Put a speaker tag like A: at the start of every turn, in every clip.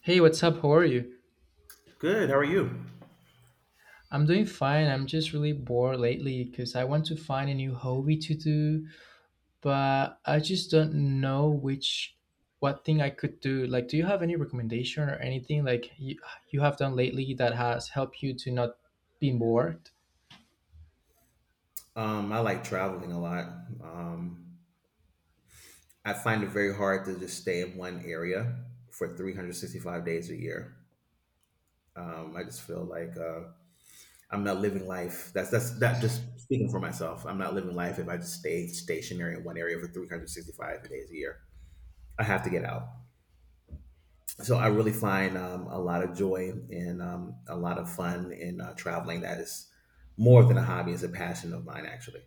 A: Hey, what's up? How are you?
B: Good. How are you?
A: I'm doing fine. I'm just really bored lately because I want to find a new hobby to do, but I just don't know which what thing I could do. Like, do you have any recommendation or anything like you have done lately that has helped you to not be bored?
B: I like traveling a lot. Um, I find it very hard to just stay in one area for 365 days a year. I just feel like I'm not living life. That's that. Just speaking for myself, I'm not living life if I just stay stationary in one area for 365 days a year. I have to get out. So I really find a lot of joy and a lot of fun in traveling. That is more than a hobby; it's a passion of mine, actually.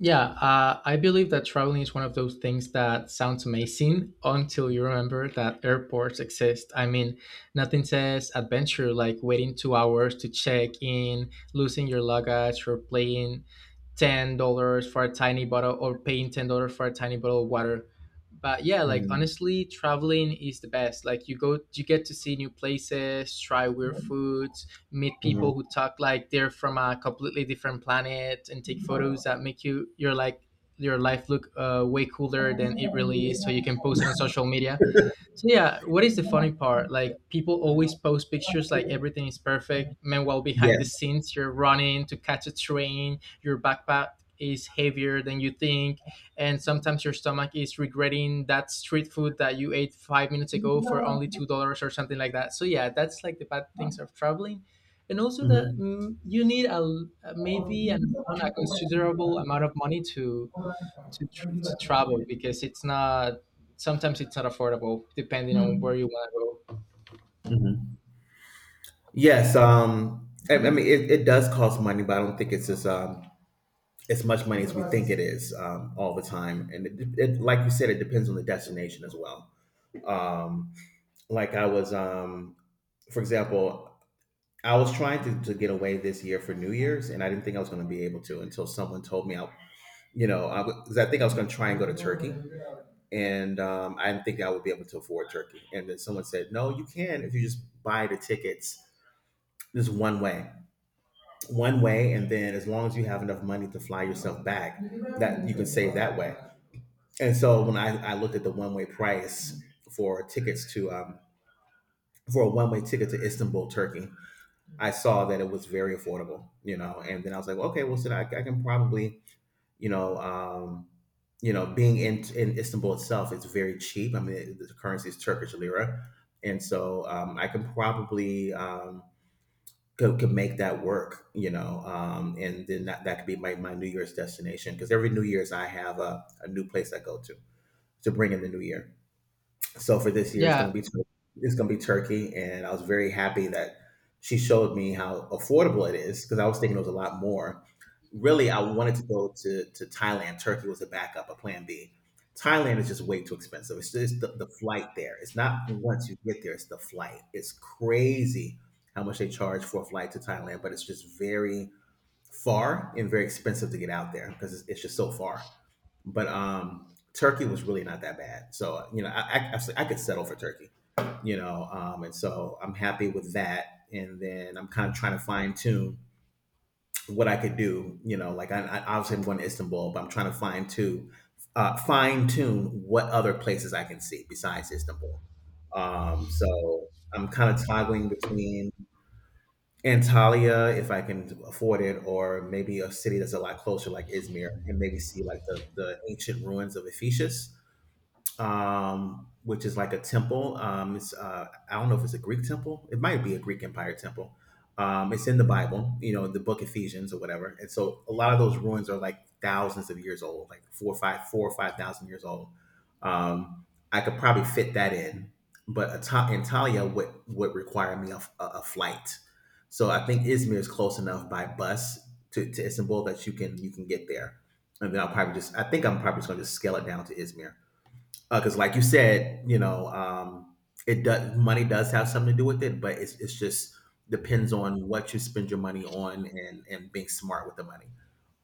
A: Yeah, I believe that traveling is one of those things that sounds amazing until you remember that airports exist. I mean, nothing says adventure like waiting 2 hours to check in, losing your luggage, or paying $10 for a tiny bottle or paying $10 for a tiny bottle of water. But yeah, like
B: Hmm
A: honestly, traveling is the best. Like you go, you get to see new places, try weird food, meet
B: hmm
A: people who talk like they're from a completely different planet and take photos that make your your life look way cooler than it really is, so you can post it on social media. So yeah, what is the funny part? Like people always post pictures like everything is perfect. Meanwhile, behind the
B: Yes.
A: scenes, you're running to catch a train. Your backpack is heavier than you think, and sometimes your stomach is regretting that street food that you ate 5 minutes ago for only $2 or something like that. So yeah, that's like the bad things of traveling, and also that
B: Mm-hmm.
A: you need a maybe a
B: hmm
A: considerable amount of money to travel because it's not sometimes it's not affordable depending on where you want to go.
B: Yes. I mean, it does cost money, but I don't think it's as much money as we think it is all the time. And it, like you said, it depends on the destination as well. Um, like, for example, I was trying to get away this year for New Year's, and I didn't think I was going to be able to until someone told me I you know, I 'cause I think I was going to try and go to Turkey, and I didn't think I would be able to afford Turkey. And then someone said, "No, you can if you just buy the tickets just one way, and then as long as you have enough money to fly yourself back, that you can save that way." And so when I looked at the one way price for tickets to for a one way ticket to Istanbul, Turkey, I saw that it was very affordable, you know. And then I was like, well, okay, well, so I can probably you know, um, being in Istanbul itself, it's very cheap. I mean, the currency is Turkish lira, and so I can probably could make that work, you know, and then that could be my New Year's destination because every New Year's I have a new place I go to bring in the new year. So for this year, it's
A: Yeah,
B: going to be it's going to be Turkey, and I was very happy that she showed me how affordable it is because I was thinking it was a lot more. Really, I wanted to go to Thailand. Turkey was a backup, a plan B. Thailand is just way too expensive. It's just the flight there. It's not once you get there; it's the flight. It's crazy how much they charge for a flight to Thailand, but it's just very far and very expensive to get out there because it's just so far but Turkey was really not that bad. So you know, I could settle for Turkey, you know, and so I'm happy with that. And then I'm kind of trying to fine tune what I could do, you know, like I obviously I'm going to Istanbul, but I'm trying to fine tune what other places I can see besides Istanbul. So I'm kind of toggling between Antalya, if I can afford it, or maybe a city that's a lot closer, like Izmir, and maybe see like the ancient ruins of Ephesus which is like a temple. It's I don't know if it's a Greek temple. It might be a Greek Empire temple. It's in the Bible, you know, the Book Ephesians or whatever. And so a lot of those ruins are like thousands of years old, like 4 or 5,000 years old. Um, I could probably fit that in, but Antalya would require me a flight. So I think Izmir is close enough by bus to Istanbul that you can get there, and then I think I'm probably just going to scale it down to Izmir because like you said you know it does money does have something to do with it but it's just depends on what you spend your money on and being smart with the money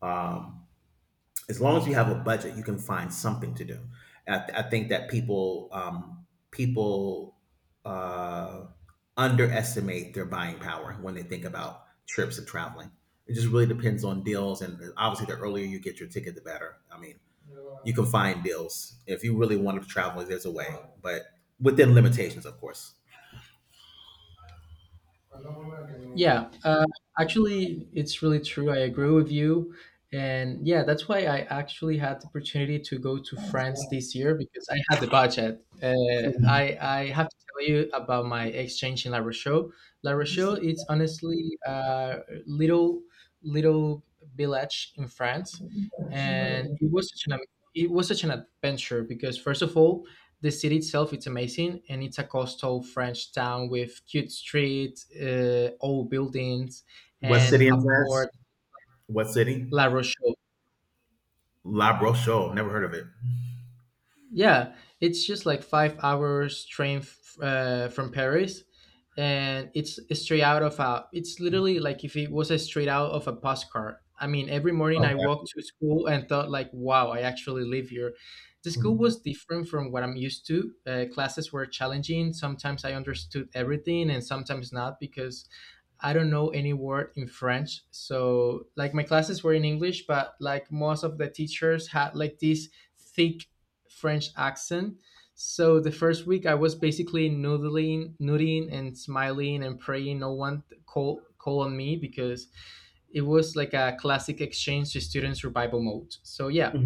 B: um as long as you have a budget, you can find something to do. I think that people uh, underestimate their buying power when they think about trips and traveling. It just really depends on deals, and obviously, the earlier you get your ticket, the better. I mean, you can find deals if you really want to travel. There's a way, but within limitations, of course.
A: Yeah, actually, it's really true. I agree with you. And yeah, that's why I actually had the opportunity to go to France this year because I had the budget. I have to tell you about my exchange in La Rochelle. La Rochelle, it's honestly a little village in France. And it was such an adventure because, first of all, the city itself it's amazing, and it's a coastal French town with cute streets, old buildings
B: What
A: and
B: city
A: a
B: in France?
A: port.
B: What city?
A: La Rochelle.
B: La Rochelle. Never heard of it.
A: Yeah, it's just like 5 hours train from Paris, and it's straight out of a. it's literally like if it was a straight out of a postcard. I mean, every morning I
B: Okay.
A: walked to school and thought like, "Wow, I actually live here." The school
B: hmm
A: was different from what I'm used to. Classes were challenging. Sometimes I understood everything, and sometimes not because I don't know any word in French. So like my classes were in English, but like most of the teachers had like this thick French accent. So the first week I was basically noodling and smiling and praying no one call on me because it was like a classic exchange to students revival mode. So yeah,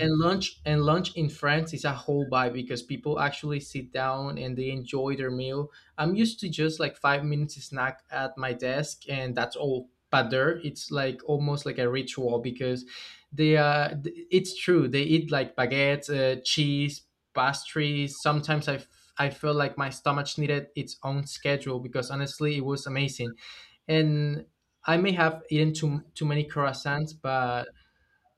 A: and lunch in France is a whole vibe because people actually sit down and they enjoy their meal. I'm used to just like 5 minutes snack at my desk and that's all. But there, it's like almost like a ritual because it's true they eat like baguettes, cheese, pastries. I feel like my stomach needed its own schedule because honestly, it was amazing. And I may have eaten too many croissants, but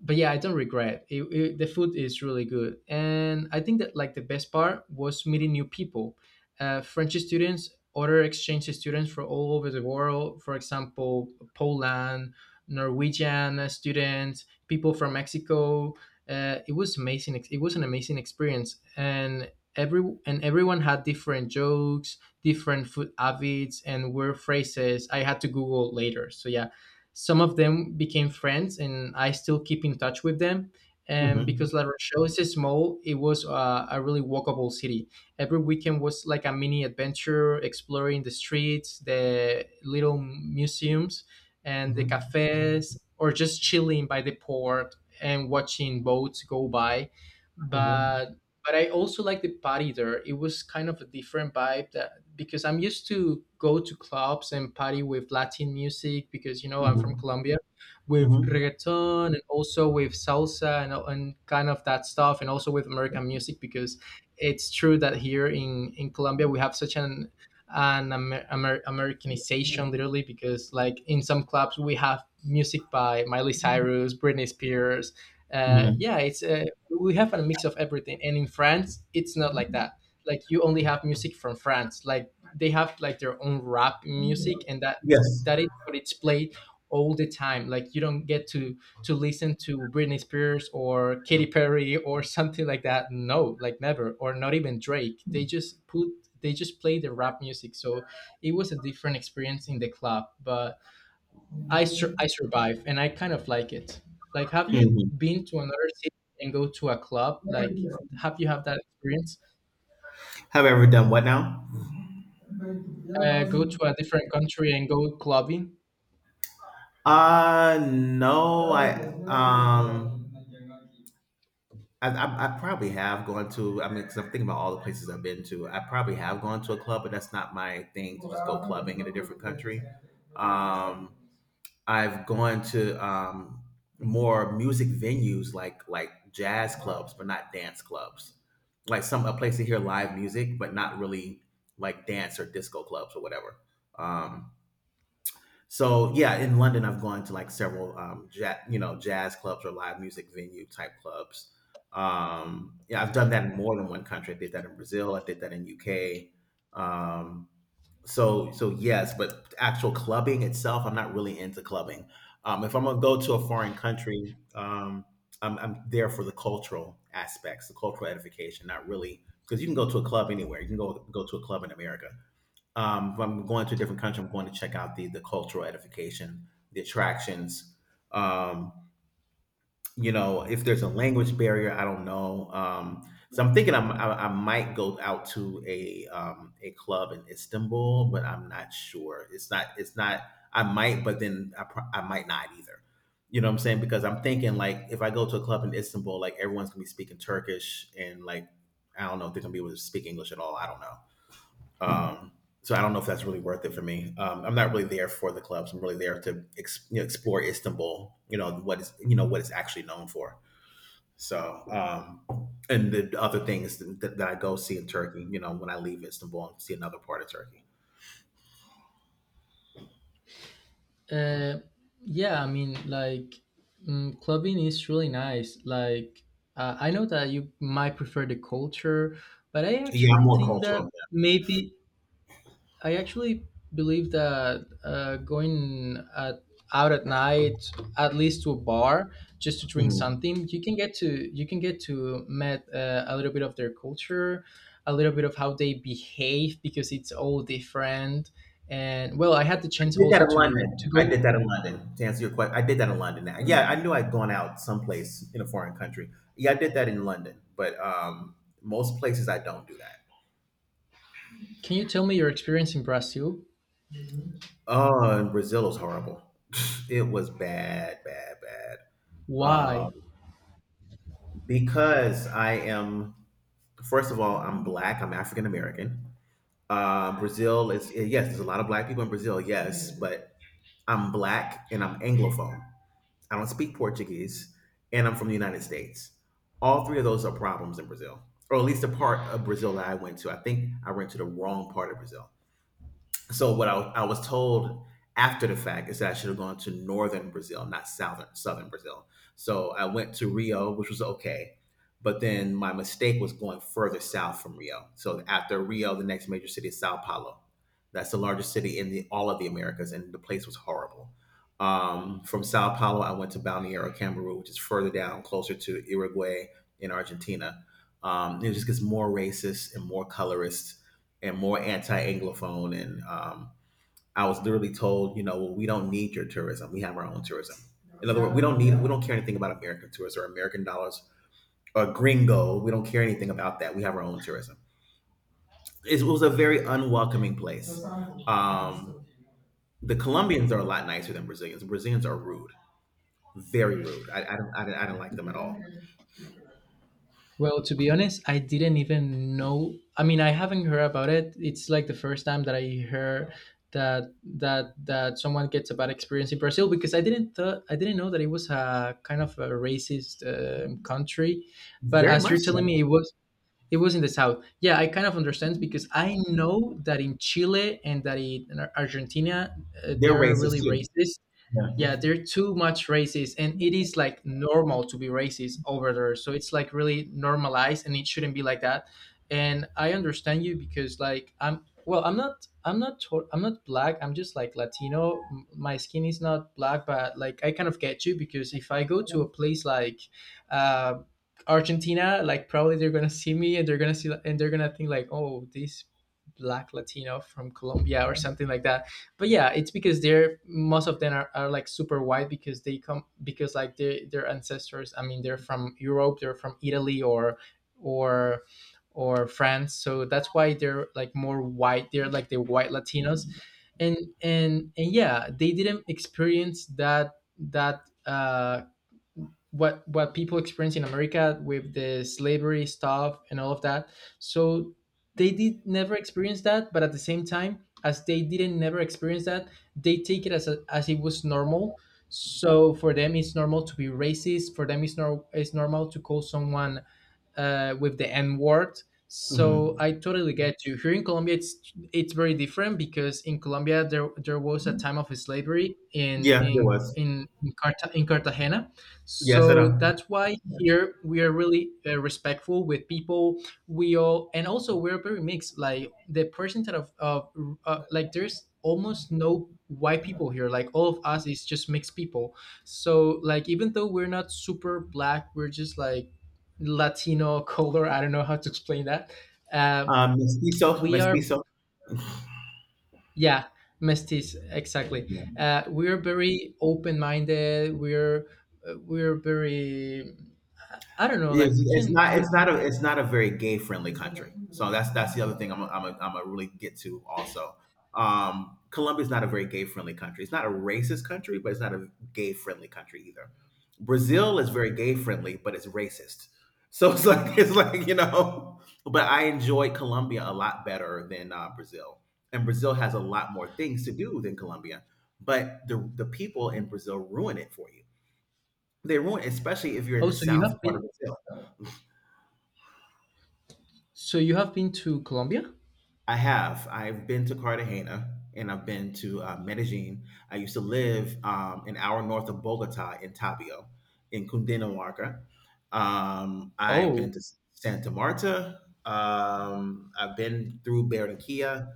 A: yeah, I don't regret The food is really good, and I think that like the best part was meeting new people, French students, other exchange students from all over the world. For example, Poland, Norwegian students, people from Mexico. It was an amazing experience, and everyone had different jokes, different food habits, and word phrases I had to Google later. So yeah. Some of them became friends, and I still keep in touch with them. And because
B: hmm
A: La Rochelle is small, it was a really walkable city. Every weekend was like a mini adventure, exploring the streets, the little museums, and the
B: Mhm.
A: cafes, or just chilling by the port and watching boats go by.
B: Mhm.
A: But but I also like the party there. It was kind of a different vibe that because I'm used to go to clubs and party with Latin music, because you know I'm from
B: Mhm.
A: Colombia, with
B: Mhm.
A: reggaeton and also with salsa and kind of that stuff, and also with American music, because it's true that here in Colombia we have such an Americanization, literally, because like in some clubs we have music by Miley Cyrus, Britney Spears.
B: Mhm.
A: Yeah, it's We have a mix of everything, and in France it's not like that. Like you only have music from France. Like they have like their own rap music, and that
B: Yes.
A: that is what it's played all the time. Like you don't get to listen to Britney Spears or Katy Perry or something like that. No, like never, or not even Drake. They just play the rap music. So it was a different experience in the club, but
B: Mhm.
A: I survived and I kind of like it. Like, have you been to another city and go to a club? Like, have you had that experience?
B: Have I ever done what now?
A: Go to a different country and go clubbing?
B: No, I um, I probably have gone to. I mean, because I'm thinking about all the places I've been to. I probably have gone to a club, but that's not my thing to just go clubbing in a different country. Um, I've gone to more music venues like jazz clubs, but not dance clubs. Like some a place to hear live music, but not really like dance or disco clubs or whatever. Um, so yeah, in London, I've gone to like several jazz clubs or live music venue type clubs. Yeah, I've done that in more than one country. I did that in Brazil. I did that in UK. Um, so yes, but actual clubbing itself, I'm not really into clubbing. If I'm gonna go to a foreign country, I'm there for the cultural aspects, the cultural edification, not really because you can go to a club anywhere. You can go to a club in America. If I'm going to a different country, I'm going to check out the cultural edification, the attractions, um, you know, if there's a language barrier, I don't know. So I'm thinking I'm, I might go out to a club in Istanbul, but I'm not sure. It's not. It's not. I might, but then I might not either. You know what I'm saying? Because I'm thinking like if I go to a club in Istanbul, like everyone's gonna be speaking Turkish and like I don't know if they're gonna be able to speak English at all. I don't know. Um, so I don't know if that's really worth it for me. I'm not really there for the clubs. I'm really there to you know, explore Istanbul. You know what it's actually known for. So and the other things that I go see in Turkey, you know, when I leave Istanbul and see another part of Turkey.
A: Uh, yeah, I mean, like clubbing is really nice. Like I know that you might prefer the culture, but I
B: Yeah, I'm
A: actually
B: more
A: think that
B: cultural.
A: maybe I actually believe that out at night, at least to a bar, just to
B: Yeah.
A: drink
B: Mhm.
A: something, you can get to met a little bit of their culture, a little bit of how they behave because it's all different. And well, I had the
B: I
A: chance
B: did that
A: also
B: in
A: to
B: London. I
A: go.
B: did that in London. To answer your question, I did that in London. Now, yeah, I knew I'd gone out someplace in a foreign country. Yeah, I did that in London, but most places I don't do that.
A: Can you tell me your experience in Brazil?
B: Oh, and Brazil was horrible. It was bad, bad, bad.
A: Why?
B: Um, because I am, first of all, I'm black. I'm African American. Brazil is yes, there's a lot of black people in Brazil, yes, but I'm black and I'm anglophone. I don't speak Portuguese, and I'm from the United States. All three of those are problems in Brazil, or at least the part of Brazil that I went to. I think I went to the wrong part of Brazil so what I was told after the fact is that I should have gone to northern Brazil, not southern Brazil. So I went to Rio, which was okay, but then my mistake was going further south from Rio. So after Rio, the next major city is Sao Paulo. That's the largest city in the all of the Americas, and the place was horrible. From Sao Paulo, I went to Balneário Camboriú, which is further down, closer to Uruguay in Argentina. It just gets more racist and more colorist and more anti-anglophone and I was literally told you know well, we don't need your tourism. We have our own tourism. In other words, we don't care anything about American tourists or American dollars or gringo. We don't care anything about that. We have our own tourism. It was a very unwelcoming place. um, the Colombians are a lot nicer than Brazilians are rude, very rude. I don't like them at all
A: Well, to be honest, I didn't even know. I mean, I haven't heard about it. It's like the first time that I heard that someone gets a bad experience in Brazil, because I didn't know that it was a kind of a racist country. But
B: very
A: as you're
B: much
A: telling
B: so.
A: me, it was in the south. Yeah, I kind of understand because I know that in Chile and that in Argentina they
B: They're
A: are
B: racist
A: really
B: too.
A: racist.
B: Yeah.
A: Yeah, they're too much racist, and it is like normal to be racist over there, so it's like really normalized and it shouldn't be like that. And I understand you because like I'm, well, I'm not I'm not black, I'm just like Latino. My skin is not black, but like I kind of get you, because if I go to a place like uh Argentina, like probably they're gonna see me, and they're gonna think like, oh, this black Latino from Colombia or something like that. But yeah, it's because they're most of them are like super white, because they come, because like their ancestors, I mean they're from Europe, they're from Italy or or or France, so that's why they're like more white, they're like the white Latinos. And yeah, they didn't experience that that what people experience in America with the slavery stuff and all of that. So they did never experience that, but at the same time, as they didn't never experience that, they take it as a, as it was normal. So for them, it's normal to be racist. For them, it's nor it's normal to call someone with the N word. So
B: Mm-hmm.
A: I totally get you. Here in Colombia, it's very different because in Colombia there, there was a time of slavery in
B: Yeah, there
A: in
B: was.
A: in in, Carta- in Cartagena.
B: Yes, I know.
A: So that's why here we are really respectful with people. We all, and also we're very mixed. Like the percentage of like there's almost no white people here. Like all of us is just mixed people. So like even though we're not super black, we're just like Latino color. I don't know how to explain that. Uh, we are,
B: Mestizo.
A: yeah, mestiz, exactly.
B: Yeah.
A: We're very open minded. We're very, I don't know,
B: Yes,
A: like we can we.
B: it's not a very gay friendly country. So that's the other thing I'm a really get to also. Colombia's not a very gay friendly country. It's not a racist country, but it's not a gay friendly country either. Brazil is very gay friendly, but it's racist. So it's like it's like. But I enjoy Colombia a lot better than Brazil, and Brazil has a lot more things to do than Colombia. But the people in Brazil ruin it for you. They ruin, especially if you're in
A: Oh,
B: the
A: so you
B: south
A: have
B: part
A: been,
B: of Brazil.
A: so you have been to Colombia?
B: I have. I've been to Cartagena and I've been to Medellin. I used to live an hour north of Bogota in Tapio, in Cundinamarca. I've been
A: Oh,
B: to Santa Marta. I've been through Barranquilla.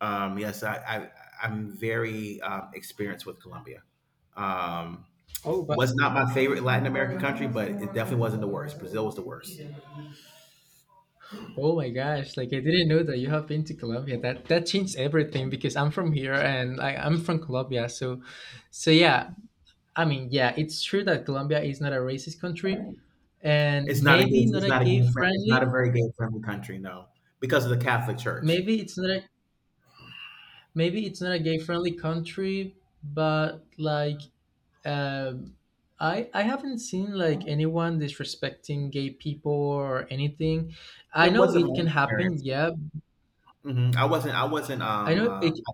B: Yes, I'm very experienced with Colombia. Um,
A: oh, but
B: was not my favorite Latin American country, but it definitely wasn't the worst. Brazil was the worst.
A: Oh my gosh, like I didn't know that you have been to Colombia. That, that changed everything because I'm from here and I'm from Colombia. So yeah, I mean, yeah, it's true that Colombia is not a racist country, and
B: It's not a gay,
A: maybe not
B: it's
A: a
B: not a
A: gay
B: gay friendly, it's not a
A: friendly
B: very gay friendly country, no, because of the Catholic Church.
A: maybe it's not a maybe it's not a gay friendly country, but like um I haven't seen like anyone disrespecting gay people or anything. I
B: It
A: know
B: wasn't
A: it
B: my
A: can happen,
B: experience.
A: yeah.
B: Hmm I wasn't,
A: i know it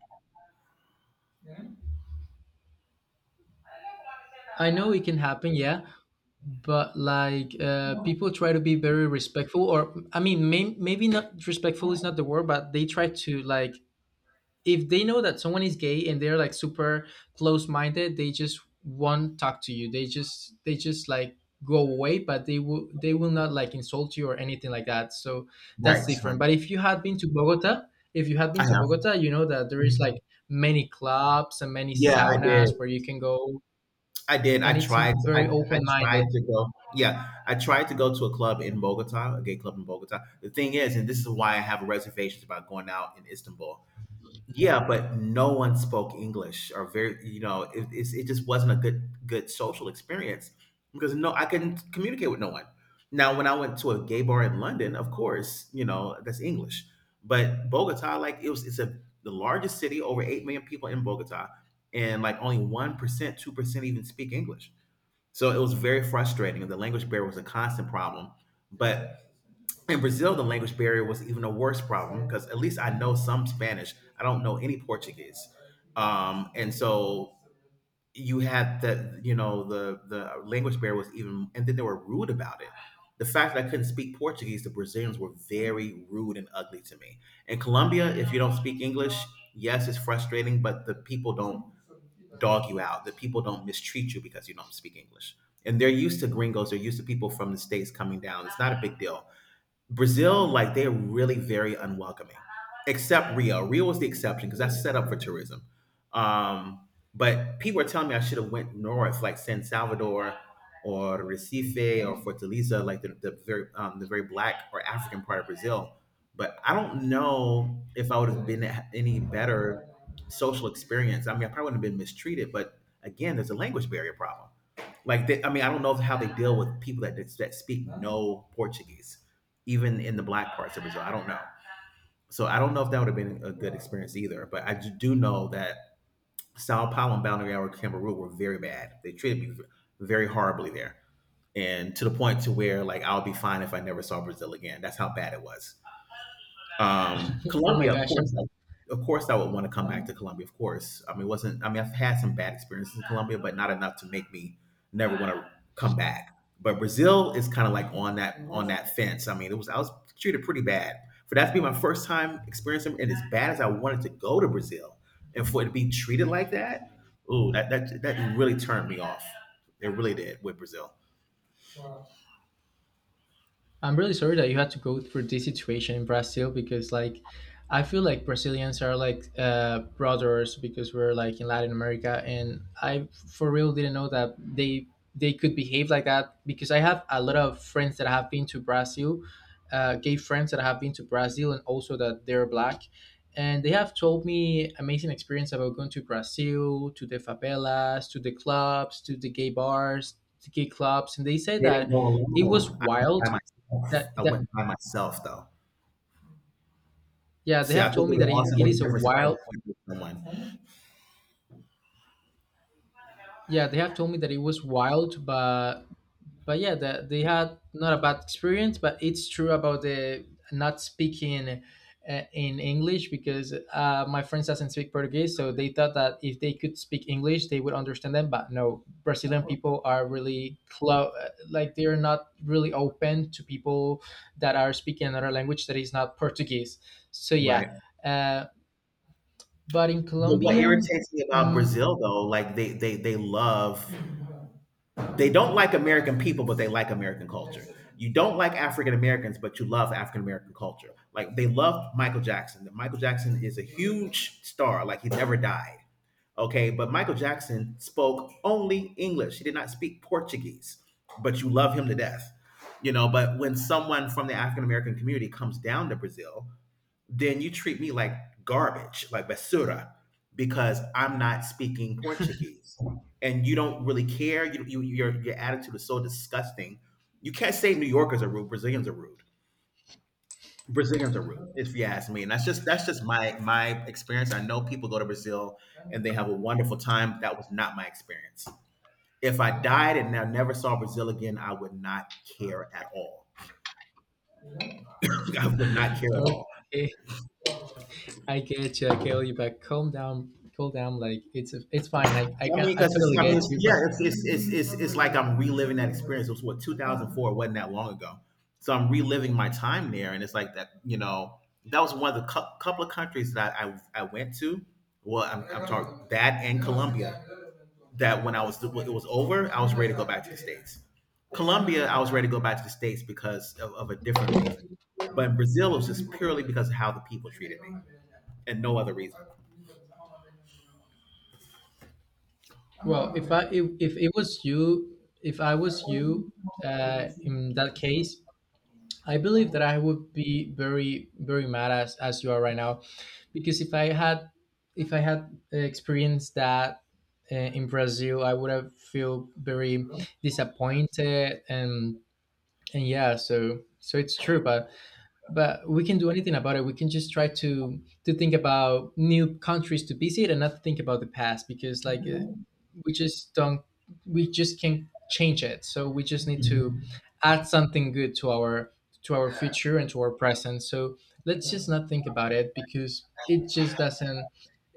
A: I know it can happen, yeah. But like people try to be very respectful, or I mean maybe not respectful is not the word, but they try to like, if they know that someone is gay and they're like super close minded, they just won't talk to you. They just they just like go away, but they will not like insult you or anything like that. So that's
B: Right,
A: different.
B: right.
A: But if you had been to bogota if you had
B: I
A: been to
B: have.
A: Bogota, you know that there is like many clubs and many
B: Yeah, I did.
A: saunas where you can go,
B: I did.
A: and it's very
B: I
A: open
B: tried
A: minded.
B: to go. Yeah, I tried to go to a club in Bogota, a gay club in Bogota. The thing is, and this is why I have reservations about going out in Istanbul. Yeah, but no one spoke English or very, you know, it just wasn't a good social experience because no, I couldn't communicate with no one. Now, when I went to a gay bar in London, of course, you know, that's English. But Bogota, like it was, it's a the largest city, over 8 million people in Bogota, and like only 1%, 2% even speak English. So it was very frustrating. The language barrier was a constant problem. But in Brazil, the language barrier was even a worse problem because at least I know some Spanish. I don't know any Portuguese, and so you had that. You know, the language barrier was even, and then they were rude about it. The fact that I couldn't speak Portuguese, the Brazilians were very rude and ugly to me. In Colombia, if you don't speak English, yes, it's frustrating, but the people don't dog you out. The people don't mistreat you because you don't speak English. And they're used to gringos. They're used to people from the states coming down. It's not a big deal. Brazil, like they're really very unwelcoming, except Rio. Rio was the exception because that's set up for tourism. Um, but people are telling me I should have went north, like San Salvador or Recife or Fortaleza, like the very the very black or African part of Brazil. But I don't know if I would have been at any better social experience. I mean, I probably wouldn't have been mistreated, but again, there's a language barrier problem. Like, I mean, I don't know how they deal with people that speak no Portuguese, even in the black parts of Brazil. I don't know. So I don't know if that would have been a good experience either. But I do know that Sao Paulo and Balneário Camboriú were very bad. They treated me very horribly there, and to the point to where like I'll be fine if I never saw Brazil again. That's how bad it was.
A: Oh my
B: Colombia,
A: gosh,
B: of course, I would want to come back to Colombia. Of course, I mean, it wasn't I mean, I've had some bad experiences in Colombia, but not enough to make me never want to come back. But Brazil is kind of like on that fence. I mean, it was I was treated pretty bad for that to be my first time experiencing, and as bad as I wanted to go to Brazil, and for it to be treated like that, ooh, that really turned me off. It really did with Brazil. They
A: I'm really sorry that you had to go through this situation in Brazil because, like, I feel like Brazilians are like brothers because we're like in Latin America, and I for real didn't know that they could behave like that, because I have a lot of friends that have been to Brazil, gay friends that have been to Brazil, and also that they're black, and they have told me amazing experience about going to Brazil, to the favelas, to the clubs, to the gay bars, to gay clubs. And they say
B: didn't
A: that
B: go
A: it was
B: alone. I went
A: wild.
B: by myself.
A: That
B: I
A: that
B: went by myself though.
A: Yeah, they
B: See, I
A: have
B: think
A: told
B: it
A: me
B: would
A: that
B: also
A: it
B: make a
A: is a
B: difference if I
A: wild,
B: went with someone.
A: yeah, they have told me that it was wild. But yeah, that they had not a bad experience, but it's true about the not speaking in English, because my friends doesn't speak Portuguese, so they thought that if they could speak English they would understand them. But no, Brazilian people are really close, like they're not really open to people that are speaking another language that is not Portuguese. So yeah.
B: Right.
A: uh, But in
B: But what
A: Colombia,
B: irritates me about
A: mm,
B: Brazil though, like they don't like American people, but they like American culture. You don't like African Americans, but you love African American culture. Like they love Michael Jackson. Michael Jackson is a huge star, like he never died. Okay, but Michael Jackson spoke only English. He did not speak Portuguese, but you love him to death. You know, but when someone from the African American community comes down to Brazil, then you treat me like garbage, like basura, because I'm not speaking Portuguese, and you don't really care. Your attitude is so disgusting. You can't say New Yorkers are rude. Brazilians are rude. Brazilians are rude, if you ask me. And that's just my experience. I know people go to Brazil and they have a wonderful time. That was not my experience. If I died and I never saw Brazil again, I would not care at all. I would not care at
A: okay,
B: all.
A: I get you. I get you, but calm down, cool down. Like it's fine.
B: I mean,
A: I
B: because
A: totally
B: it's, I mean,
A: get
B: it's,
A: you.
B: yeah,
A: But
B: it's like I'm reliving that experience. It was what 2004? Wasn't that long ago, so I'm reliving my time there, and it's like that. You know, that was one of the couple of countries that I went to. Well, I'm talking that and Colombia. That when I was when it was over, I was ready to go back to the states. Colombia, I was ready to go back to the states because of a different reason, but in Brazil, it was just purely because of how the people treated me, and no other reason.
A: well, if it was you, if I was you,
B: Mm,
A: in that case, I believe that I would be very very mad as you are right now, because if I had experienced that in Brazil, I would have feel very disappointed. And yeah, so so it's true, but we can do anything about it. We can just try to think about new countries to visit and not think about the past, because like we just don't we just can't change it, so we just need to add something good to our future and to our present. So let's just not think about it, because it just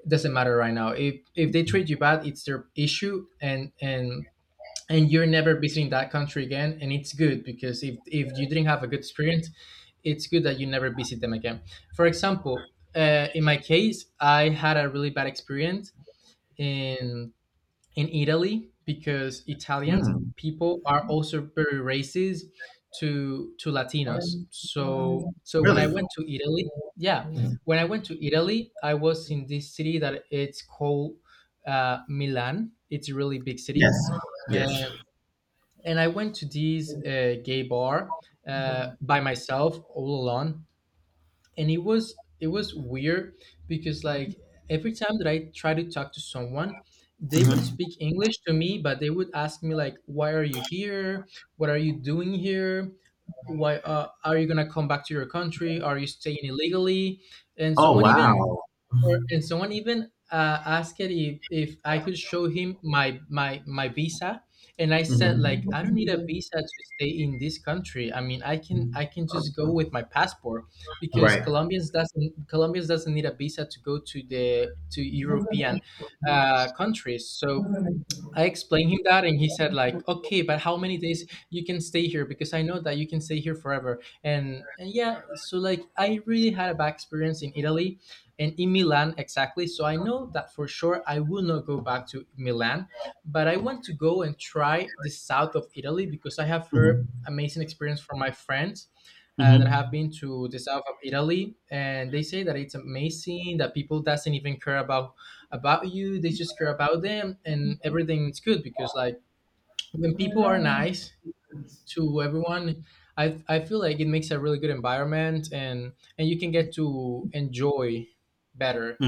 A: doesn't matter right now. If they treat you bad, it's their issue. And and you're never visiting that country again, and it's good. Because if you didn't have a good experience, it's good that you never visit them again. For example, in my case, I had a really bad experience in in Italy, because Italians people are also very racist to Latinos. So so when I
B: really?
A: went to Italy, yeah,
B: Mm.
A: when I went to Italy, I was in this city that it's called Milan. It's a really big city.
B: Yes. Yes.
A: Um, and I went to this gay bar by myself, all alone, and it was weird, because like every time that I try to talk to someone, they would
B: Hmm.
A: speak English to me, but they would ask me like, "Why are you here? What are you doing here? Why are you gonna come back to your country? Are you staying illegally?" And
B: Oh,
A: someone even
B: wow.
A: and someone even asked it if I could show him my my visa. And I said like, I
B: Hmm.
A: don't need a visa to stay in this country. I mean, I can just go with my passport, because
B: Right.
A: Colombians doesn't need a visa to go to the to European
B: Hmm.
A: countries. So I explained him that, and he said like, "Okay, but how many days you can stay here? Because I know that you can stay here forever." And yeah, so like I really had a bad experience in Italy, and in Milan exactly. So I know that for sure I will not go back to Milan, but I want to go and try the south of Italy, because I have heard
B: Hmm.
A: amazing experience from my friends. That have
B: Mhm.
A: been to the south of Italy, and they say that it's amazing, that people doesn't even care about you. They just care about them and everything's good. Because like when people are nice to everyone, I feel like it makes a really good environment, and you can get to enjoy better.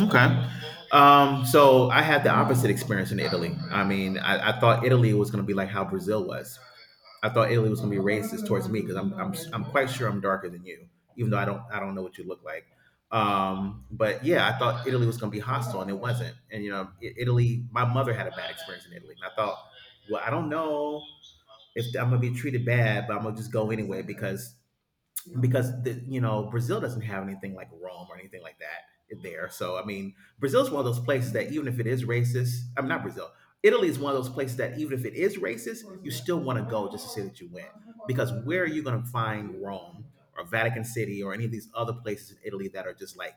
B: Okay. So I had the opposite experience in Italy. I thought Italy was going to be like how Brazil was. I thought Italy was going to be racist towards me because I'm quite sure I'm darker than you, even though I don't know what you look like. But yeah, I thought Italy was going to be hostile, and it wasn't. And you know, I- Italy. My mother had a bad experience in Italy, and I thought, well, I don't know if I'm going to be treated bad, but I'm going to just go anyway because you know, Brazil doesn't have anything like Rome or anything like that there. So I mean, Brazil is one of those places that even if it is racist, I'm not Brazil. Italy is one of those places that even if it is racist, you still want to go just to say that you went. Because where are you going to find Rome or Vatican City or any of these other places in Italy that are just like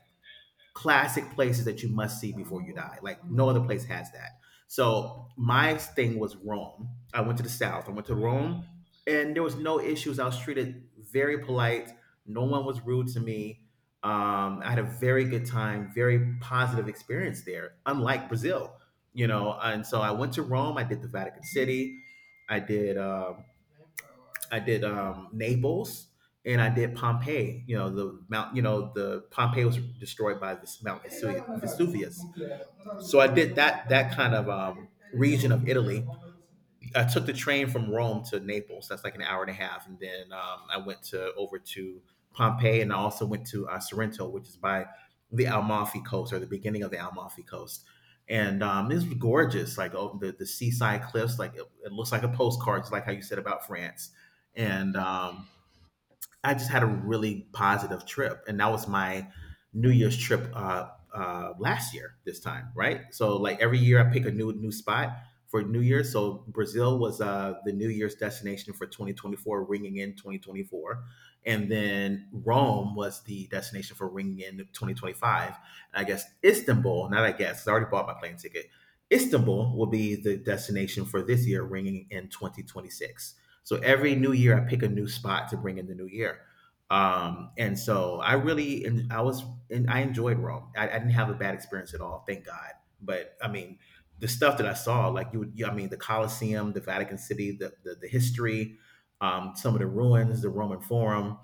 B: classic places that you must see before you die. Like no other place has that. So my thing was Rome. I went to the south. I went to Rome, and there was no issues. I was treated very polite. No one was rude to me. I had a very good time, very positive experience there. Unlike Brazil, you know. And so I went to Rome. I did the Vatican City. I did. I did Naples and I did Pompeii. You know, the mount. You know, the Pompeii was destroyed by this Mount Vesuvius. So I did that kind of region of Italy. I took the train from Rome to Naples. That's like an hour and a half, and then I went to over to Pompeii, and I also went to Sorrento, which is by the Amalfi Coast or the beginning of the Amalfi Coast. And this was gorgeous, like oh, the seaside cliffs. Like it looks like a postcard, just like how you said about France. And I just had a really positive trip, and that was my New Year's trip last year. This time, right? So like every year, I pick a new spot for New Year's. So Brazil was the New Year's destination for 2024, ringing in 2024, and then Rome was the destination for ringing in 2025. And I guess Istanbul, not I guess, 'cause I already bought my plane ticket. Istanbul will be the destination for this year, ringing in 2026. So every new year, I pick a new spot to bring in the new year. And so I really, and I was, and I enjoyed Rome. I didn't have a bad experience at all, thank God. But I mean, the stuff that I saw, like you, would- you I mean, the Colosseum, the Vatican City, the history, some of the ruins, the Roman Forum,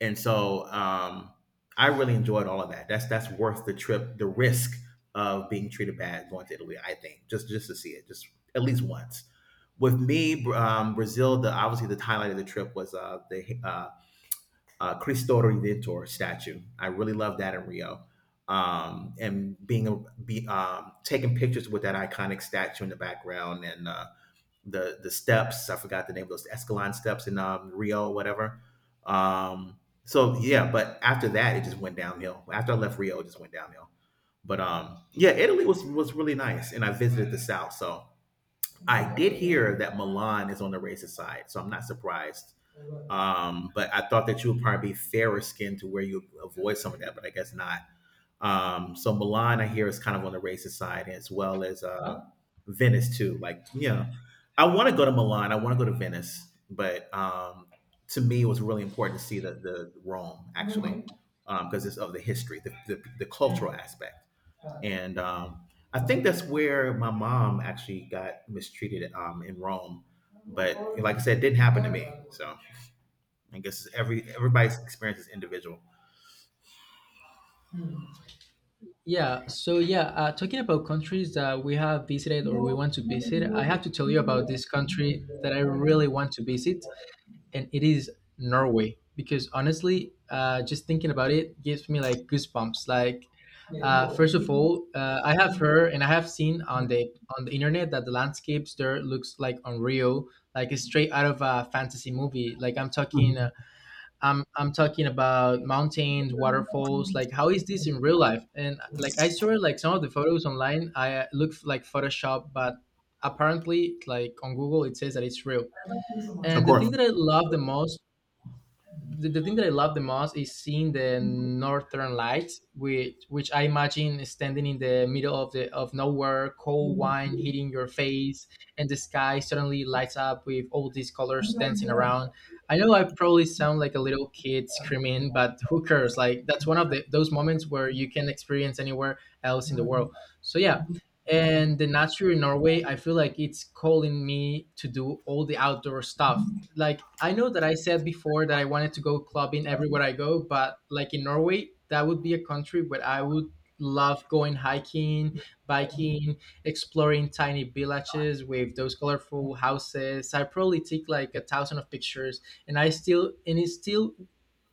B: and so I really enjoyed all of that. That's worth the trip, the risk of being treated bad going to Italy. I think just to see it, just at least once. With me, Brazil, the obviously the highlight of the trip was the Cristo Redentor statue. I really loved that in Rio, and being a, be, taking pictures with that iconic statue in the background and the steps. I forgot the name of those Escalon steps in Rio, whatever. So yeah, but after that, it just went downhill. After I left Rio, it just went downhill. But yeah, Italy was really nice, and I visited the south, so I did hear that Milan is on the racist side, so I'm not surprised. But I thought that you would probably be fairer skinned to where you avoid some of that, but I guess not. So Milan, I hear, is kind of on the racist side, as well as Venice too. Like, yeah, I want to go to Milan. I want to go to Venice, but to me, it was really important to see the Rome actually, because it's of the history, the cultural aspect, and I think that's where my mom actually got mistreated in Rome. But like I said, it didn't happen to me. So I guess every everybody's experience is individual.
A: Yeah, so yeah, talking about countries that we have visited or we
B: No,
A: want to
B: no me
A: visit, I have
B: voy.
A: to tell you about this country that I really want to visit, and it is Norway, because honestly, just thinking about it gives me like goosebumps. Like, first of all, I have heard and I have seen on the internet that the landscapes there looks like unreal, like it's straight out of a fantasy movie. Like I'm talking,
B: Mhm.
A: I'm talking about mountains, waterfalls. Like how is this in real life? And like I saw like some of the photos online, I look like Photoshop, but apparently like on Google it says that it's real.
B: Of
A: And
B: course.
A: the thing that I love the most is seeing the northern lights, which I imagine standing in the middle of the of nowhere, cold wine hitting your face, and the sky suddenly lights up with all these colors dancing
B: Mhm.
A: around. I know I probably sound like a little kid screaming, but who cares? Like that's one of the those moments where you can experience anywhere else in the world. So yeah. And the nature in Norway, I feel like it's calling me to do all the outdoor stuff. Like I know that I said before that I wanted to go clubbing everywhere I go, but like in Norway, that would be a country where I would love going hiking, biking, exploring tiny villages with those colorful houses. I probably take like a thousand of pictures, and I still and it still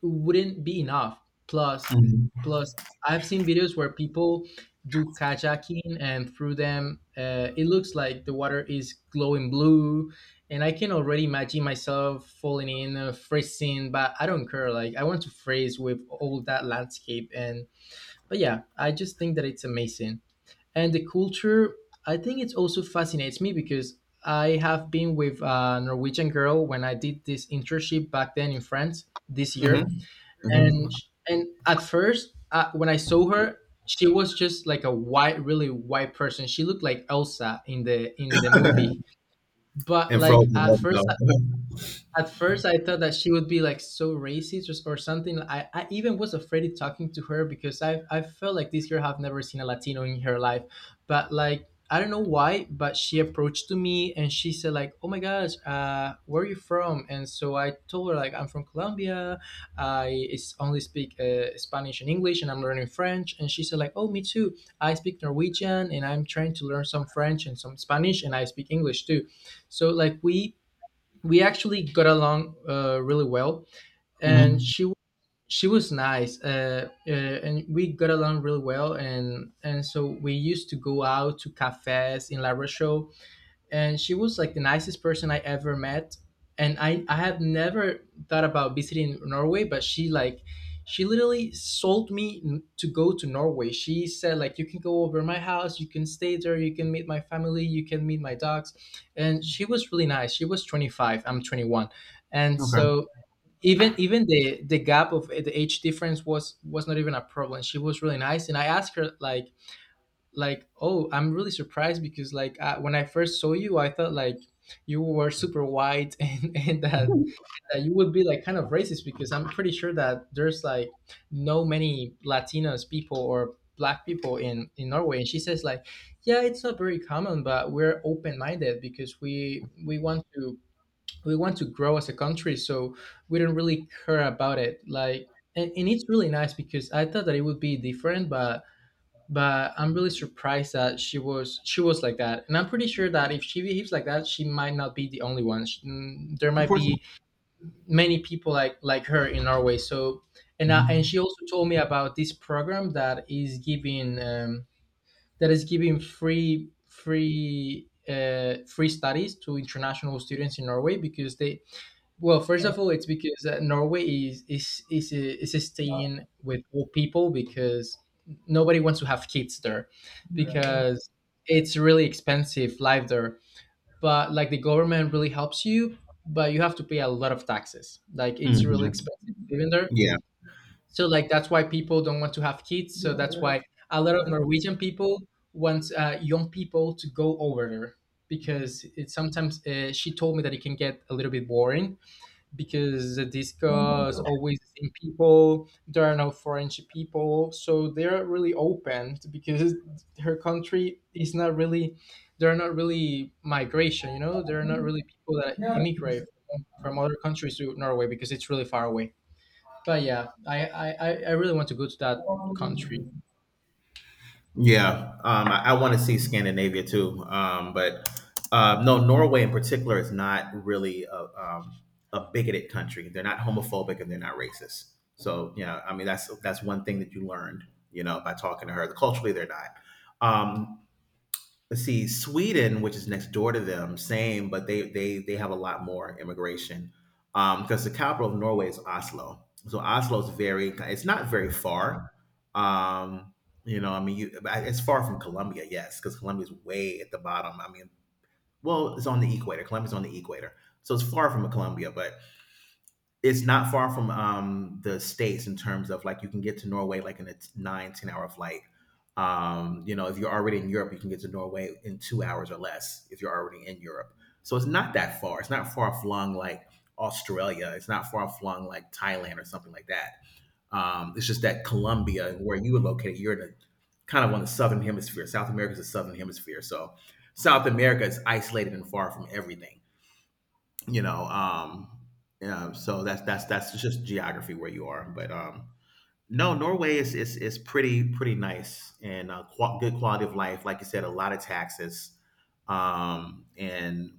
A: wouldn't be enough. Plus plus I've seen videos where people do kayaking, and through them it looks like the water is glowing blue. And I can already imagine myself falling in, freezing, but I don't care. Like I want to freeze with all that landscape. And But yeah, I just think that it's amazing. And the culture, I think it also fascinates me, because I have been with a Norwegian girl when I did this internship back then in France this year.
B: Mhm.
A: and
B: Mhm.
A: and at first when I saw her, she was just like a white, really white person. She looked like Elsa in the movie. But
B: And
A: like
B: frozen
A: at
B: love
A: first
B: though. Mhm.
A: I thought that she would be like so racist or something. I even was afraid of talking to her, because I felt like this girl have never seen a Latino in her life. But like I don't know why, but she approached to me and she said like, "Oh my gosh, where are you from?" And so I told her like, "I'm from Colombia. I is only speak Spanish and English, and I'm learning French." And she said like, "Oh, me too. I speak Norwegian and I'm trying to learn some French and some Spanish, and I speak English too." So like we actually got along really well. And she was nice and we got along really well. And so we used to go out to cafes in La Rochelle, and she was like the nicest person I ever met. And I have never thought about visiting Norway, but she like she literally sold me to go to Norway. She said like, you can go over my house, you can stay there, you can meet my family, you can meet my dogs. And she was really nice. She was 25, I'm 21. And
B: Okay. Mm-hmm. Okay.
A: so even the gap of the age difference was not even a problem. She was really nice and I asked her, like, oh, I'm really surprised because, like, when I first saw you I thought, like, you were super white and that you would be like kind of racist because I'm pretty sure that there's, like, no many latinos people or black people in Norway. And she says like, yeah, it's not very common but we're open-minded because we want to grow as a country, so we don't really care about it, like. And it's really nice because I thought that it would be different, but I'm really surprised that she was like that, and I'm pretty sure that if she behaves like that, she might not be the only one. There
B: Of
A: might
B: course not.
A: be many people like her in Norway. So, and
B: Mhm.
A: she also told me about this program that is giving free studies to international students in Norway, because they, well, first of all, it's because Norway is staying with old people because nobody wants to have kids there because it's really expensive life there. But like the government really helps you, but you have to pay a lot of taxes. Like it's really
B: Mhm.
A: expensive living there.
B: Yeah.
A: So like that's why people don't want to have kids. So that's why a lot of
B: Well,
A: Norwegian people want young people to go over there because it sometimes, she told me that it can get a little bit boring because the disco is always the same people. There are no foreign people, so they're really open to- because her country is not really. They're not really migration, you know. They're not really people that immigrate from other countries to Norway because it's really far away. But yeah, I really want to go to that country.
B: yeah, I want to see Scandinavia too, but no, Norway in particular is not really um, a bigoted country. They're not homophobic and they're not racist. So yeah, I mean that's one thing that you learned, you know, by talking to her. Culturally, they're not. Um, Let's see, Sweden, which is next door to them, same, but they have a lot more immigration because the capital of Norway is Oslo. So Oslo is very, it's not very far. Um, you know, I mean, you, but it's far from Colombia, yes, because Colombia's way at the bottom. I mean, well, it's on the equator. Colombia's on the equator, so it's far from Colombia, but it's not far from the states in terms of like you can get to Norway like in a 9 10 hour flight. You know, if you're already in Europe, you can get to Norway in 2 hours or less if you're already in Europe. So it's not that far. It's not far flung like Australia. It's not far flung like Thailand or something like that. It's just that Colombia, where you were located, you're in a kind of on the southern hemisphere. South America is the southern hemisphere, so South America is isolated and far from everything, you know um yeah, so that's just geography where you are, but no, Norway is pretty nice and good quality of life, like you said, a lot of taxes, and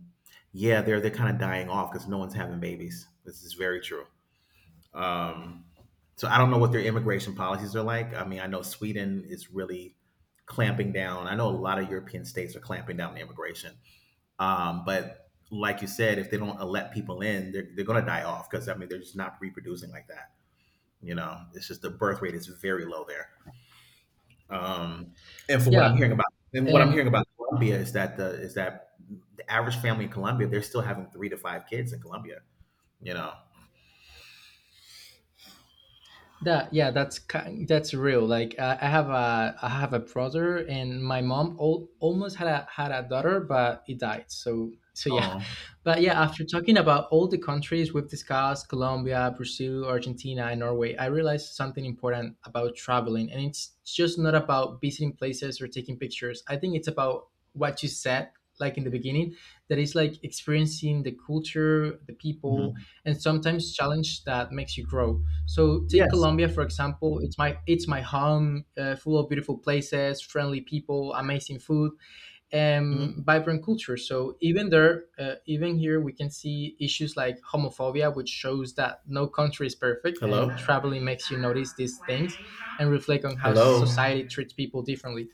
B: yeah, they're kind of dying off because no one's having babies. This is very true. um so I don't know what their immigration policies are like. I mean, I know Sweden is really clamping down. I know a lot of European states are clamping down on immigration, but like you said, if they don't let people in, they're going to die off because I mean they're just not reproducing like that. You know, it's just the birth rate is very low there. Um, and for what I'm
A: Yeah,
B: hearing about, and what I'm
A: and
B: hearing about Colombia is that the average family in Colombia, they're still having 3 to 5 kids in Colombia. You know.
A: that, yeah, that's kind, that's real. Like I have a brother, and my mom al almost had a daughter, but it died. So so yeah,
B: Oh.
A: but yeah, after talking about all the countries we've discussed, Colombia, Brazil, Argentina, and Norway, I realized something important about traveling, and it's just not about visiting places or taking pictures. I think it's about what you said, like in the beginning, that is like experiencing the culture, the people,
B: Mhm.
A: and sometimes challenge that makes you grow. So take
B: Yes.
A: Colombia for example. It's my home, full of beautiful places, friendly people, amazing food, and
B: Mhm.
A: vibrant culture. So even there, even here, we can see issues like homophobia, which shows that no country is perfect,
B: Hello.
A: and traveling makes you notice these things and reflect on how
B: Hello.
A: society treats people differently.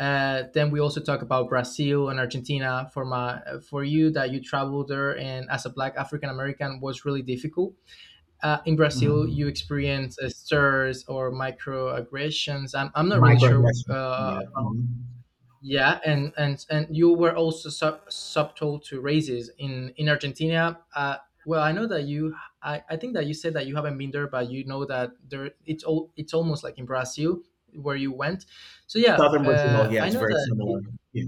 A: Then we also talk about Brazil and Argentina. For you that you traveled there, and as a Black African American, was really difficult in Brazil you
B: Mhm.
A: experience stirs or microaggressions. I'm not really sure.
B: Microaggression. Yeah. Mhm.
A: Yeah, and you were also subtle to races in Argentina. Well, I know that you. I think that you said that you haven't been there, but you know that there. It's all. It's almost like in Brazil where you went. So yeah,
B: Southern Brazil. Yeah,
A: I
B: it's
A: know
B: very
A: that.
B: similar. Yeah.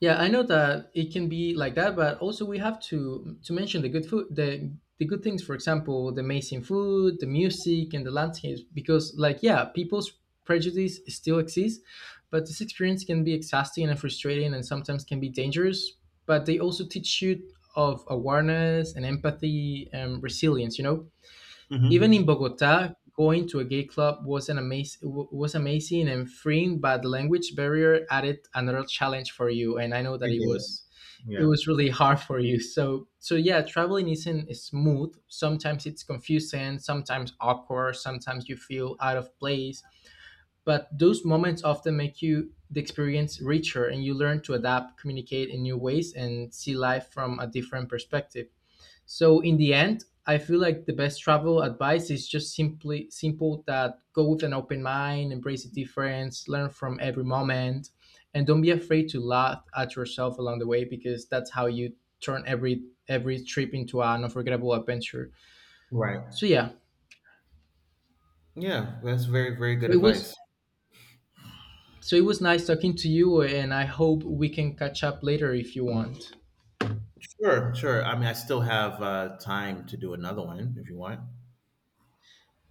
A: Yeah, I know that it can be like that, but also we have to mention the good food, the good things. For example, the amazing food, the music, and the landscapes. Because, like, yeah, people's prejudice still exists, but this experience can be exhausting and frustrating, and sometimes can be dangerous. But they also teach you of awareness and empathy and resilience. You know, even in
B: Mhm.
A: Bogota, going to a gay club was an was amazing and freeing, but the language barrier added another challenge for you. And I know that
B: You did.
A: it
B: Yeah.
A: was really hard for you. So so yeah, traveling isn't smooth. Sometimes it's confusing, sometimes awkward, sometimes you feel out of place. But those moments often make you the experience richer, and you learn to adapt, communicate in new ways, and see life from a different perspective. So in the end, I feel like the best travel advice is just simply simple, that go with an open mind, embrace the difference, learn from every moment, and don't be afraid to laugh at yourself along the way because that's how you turn every trip into an unforgettable adventure.
B: Right.
A: So yeah,
B: Yeah, that's very, very
A: so
B: good
A: it was
B: advice.
A: so it was nice talking to you, and I hope we can catch up later if you want.
B: Sure, sure. I mean, I still have time to do another one if you want.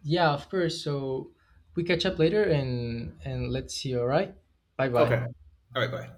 A: Yeah, of course. So we catch up later and let's see. All right. Bye
B: Okay.
A: bye.
B: All right, bye.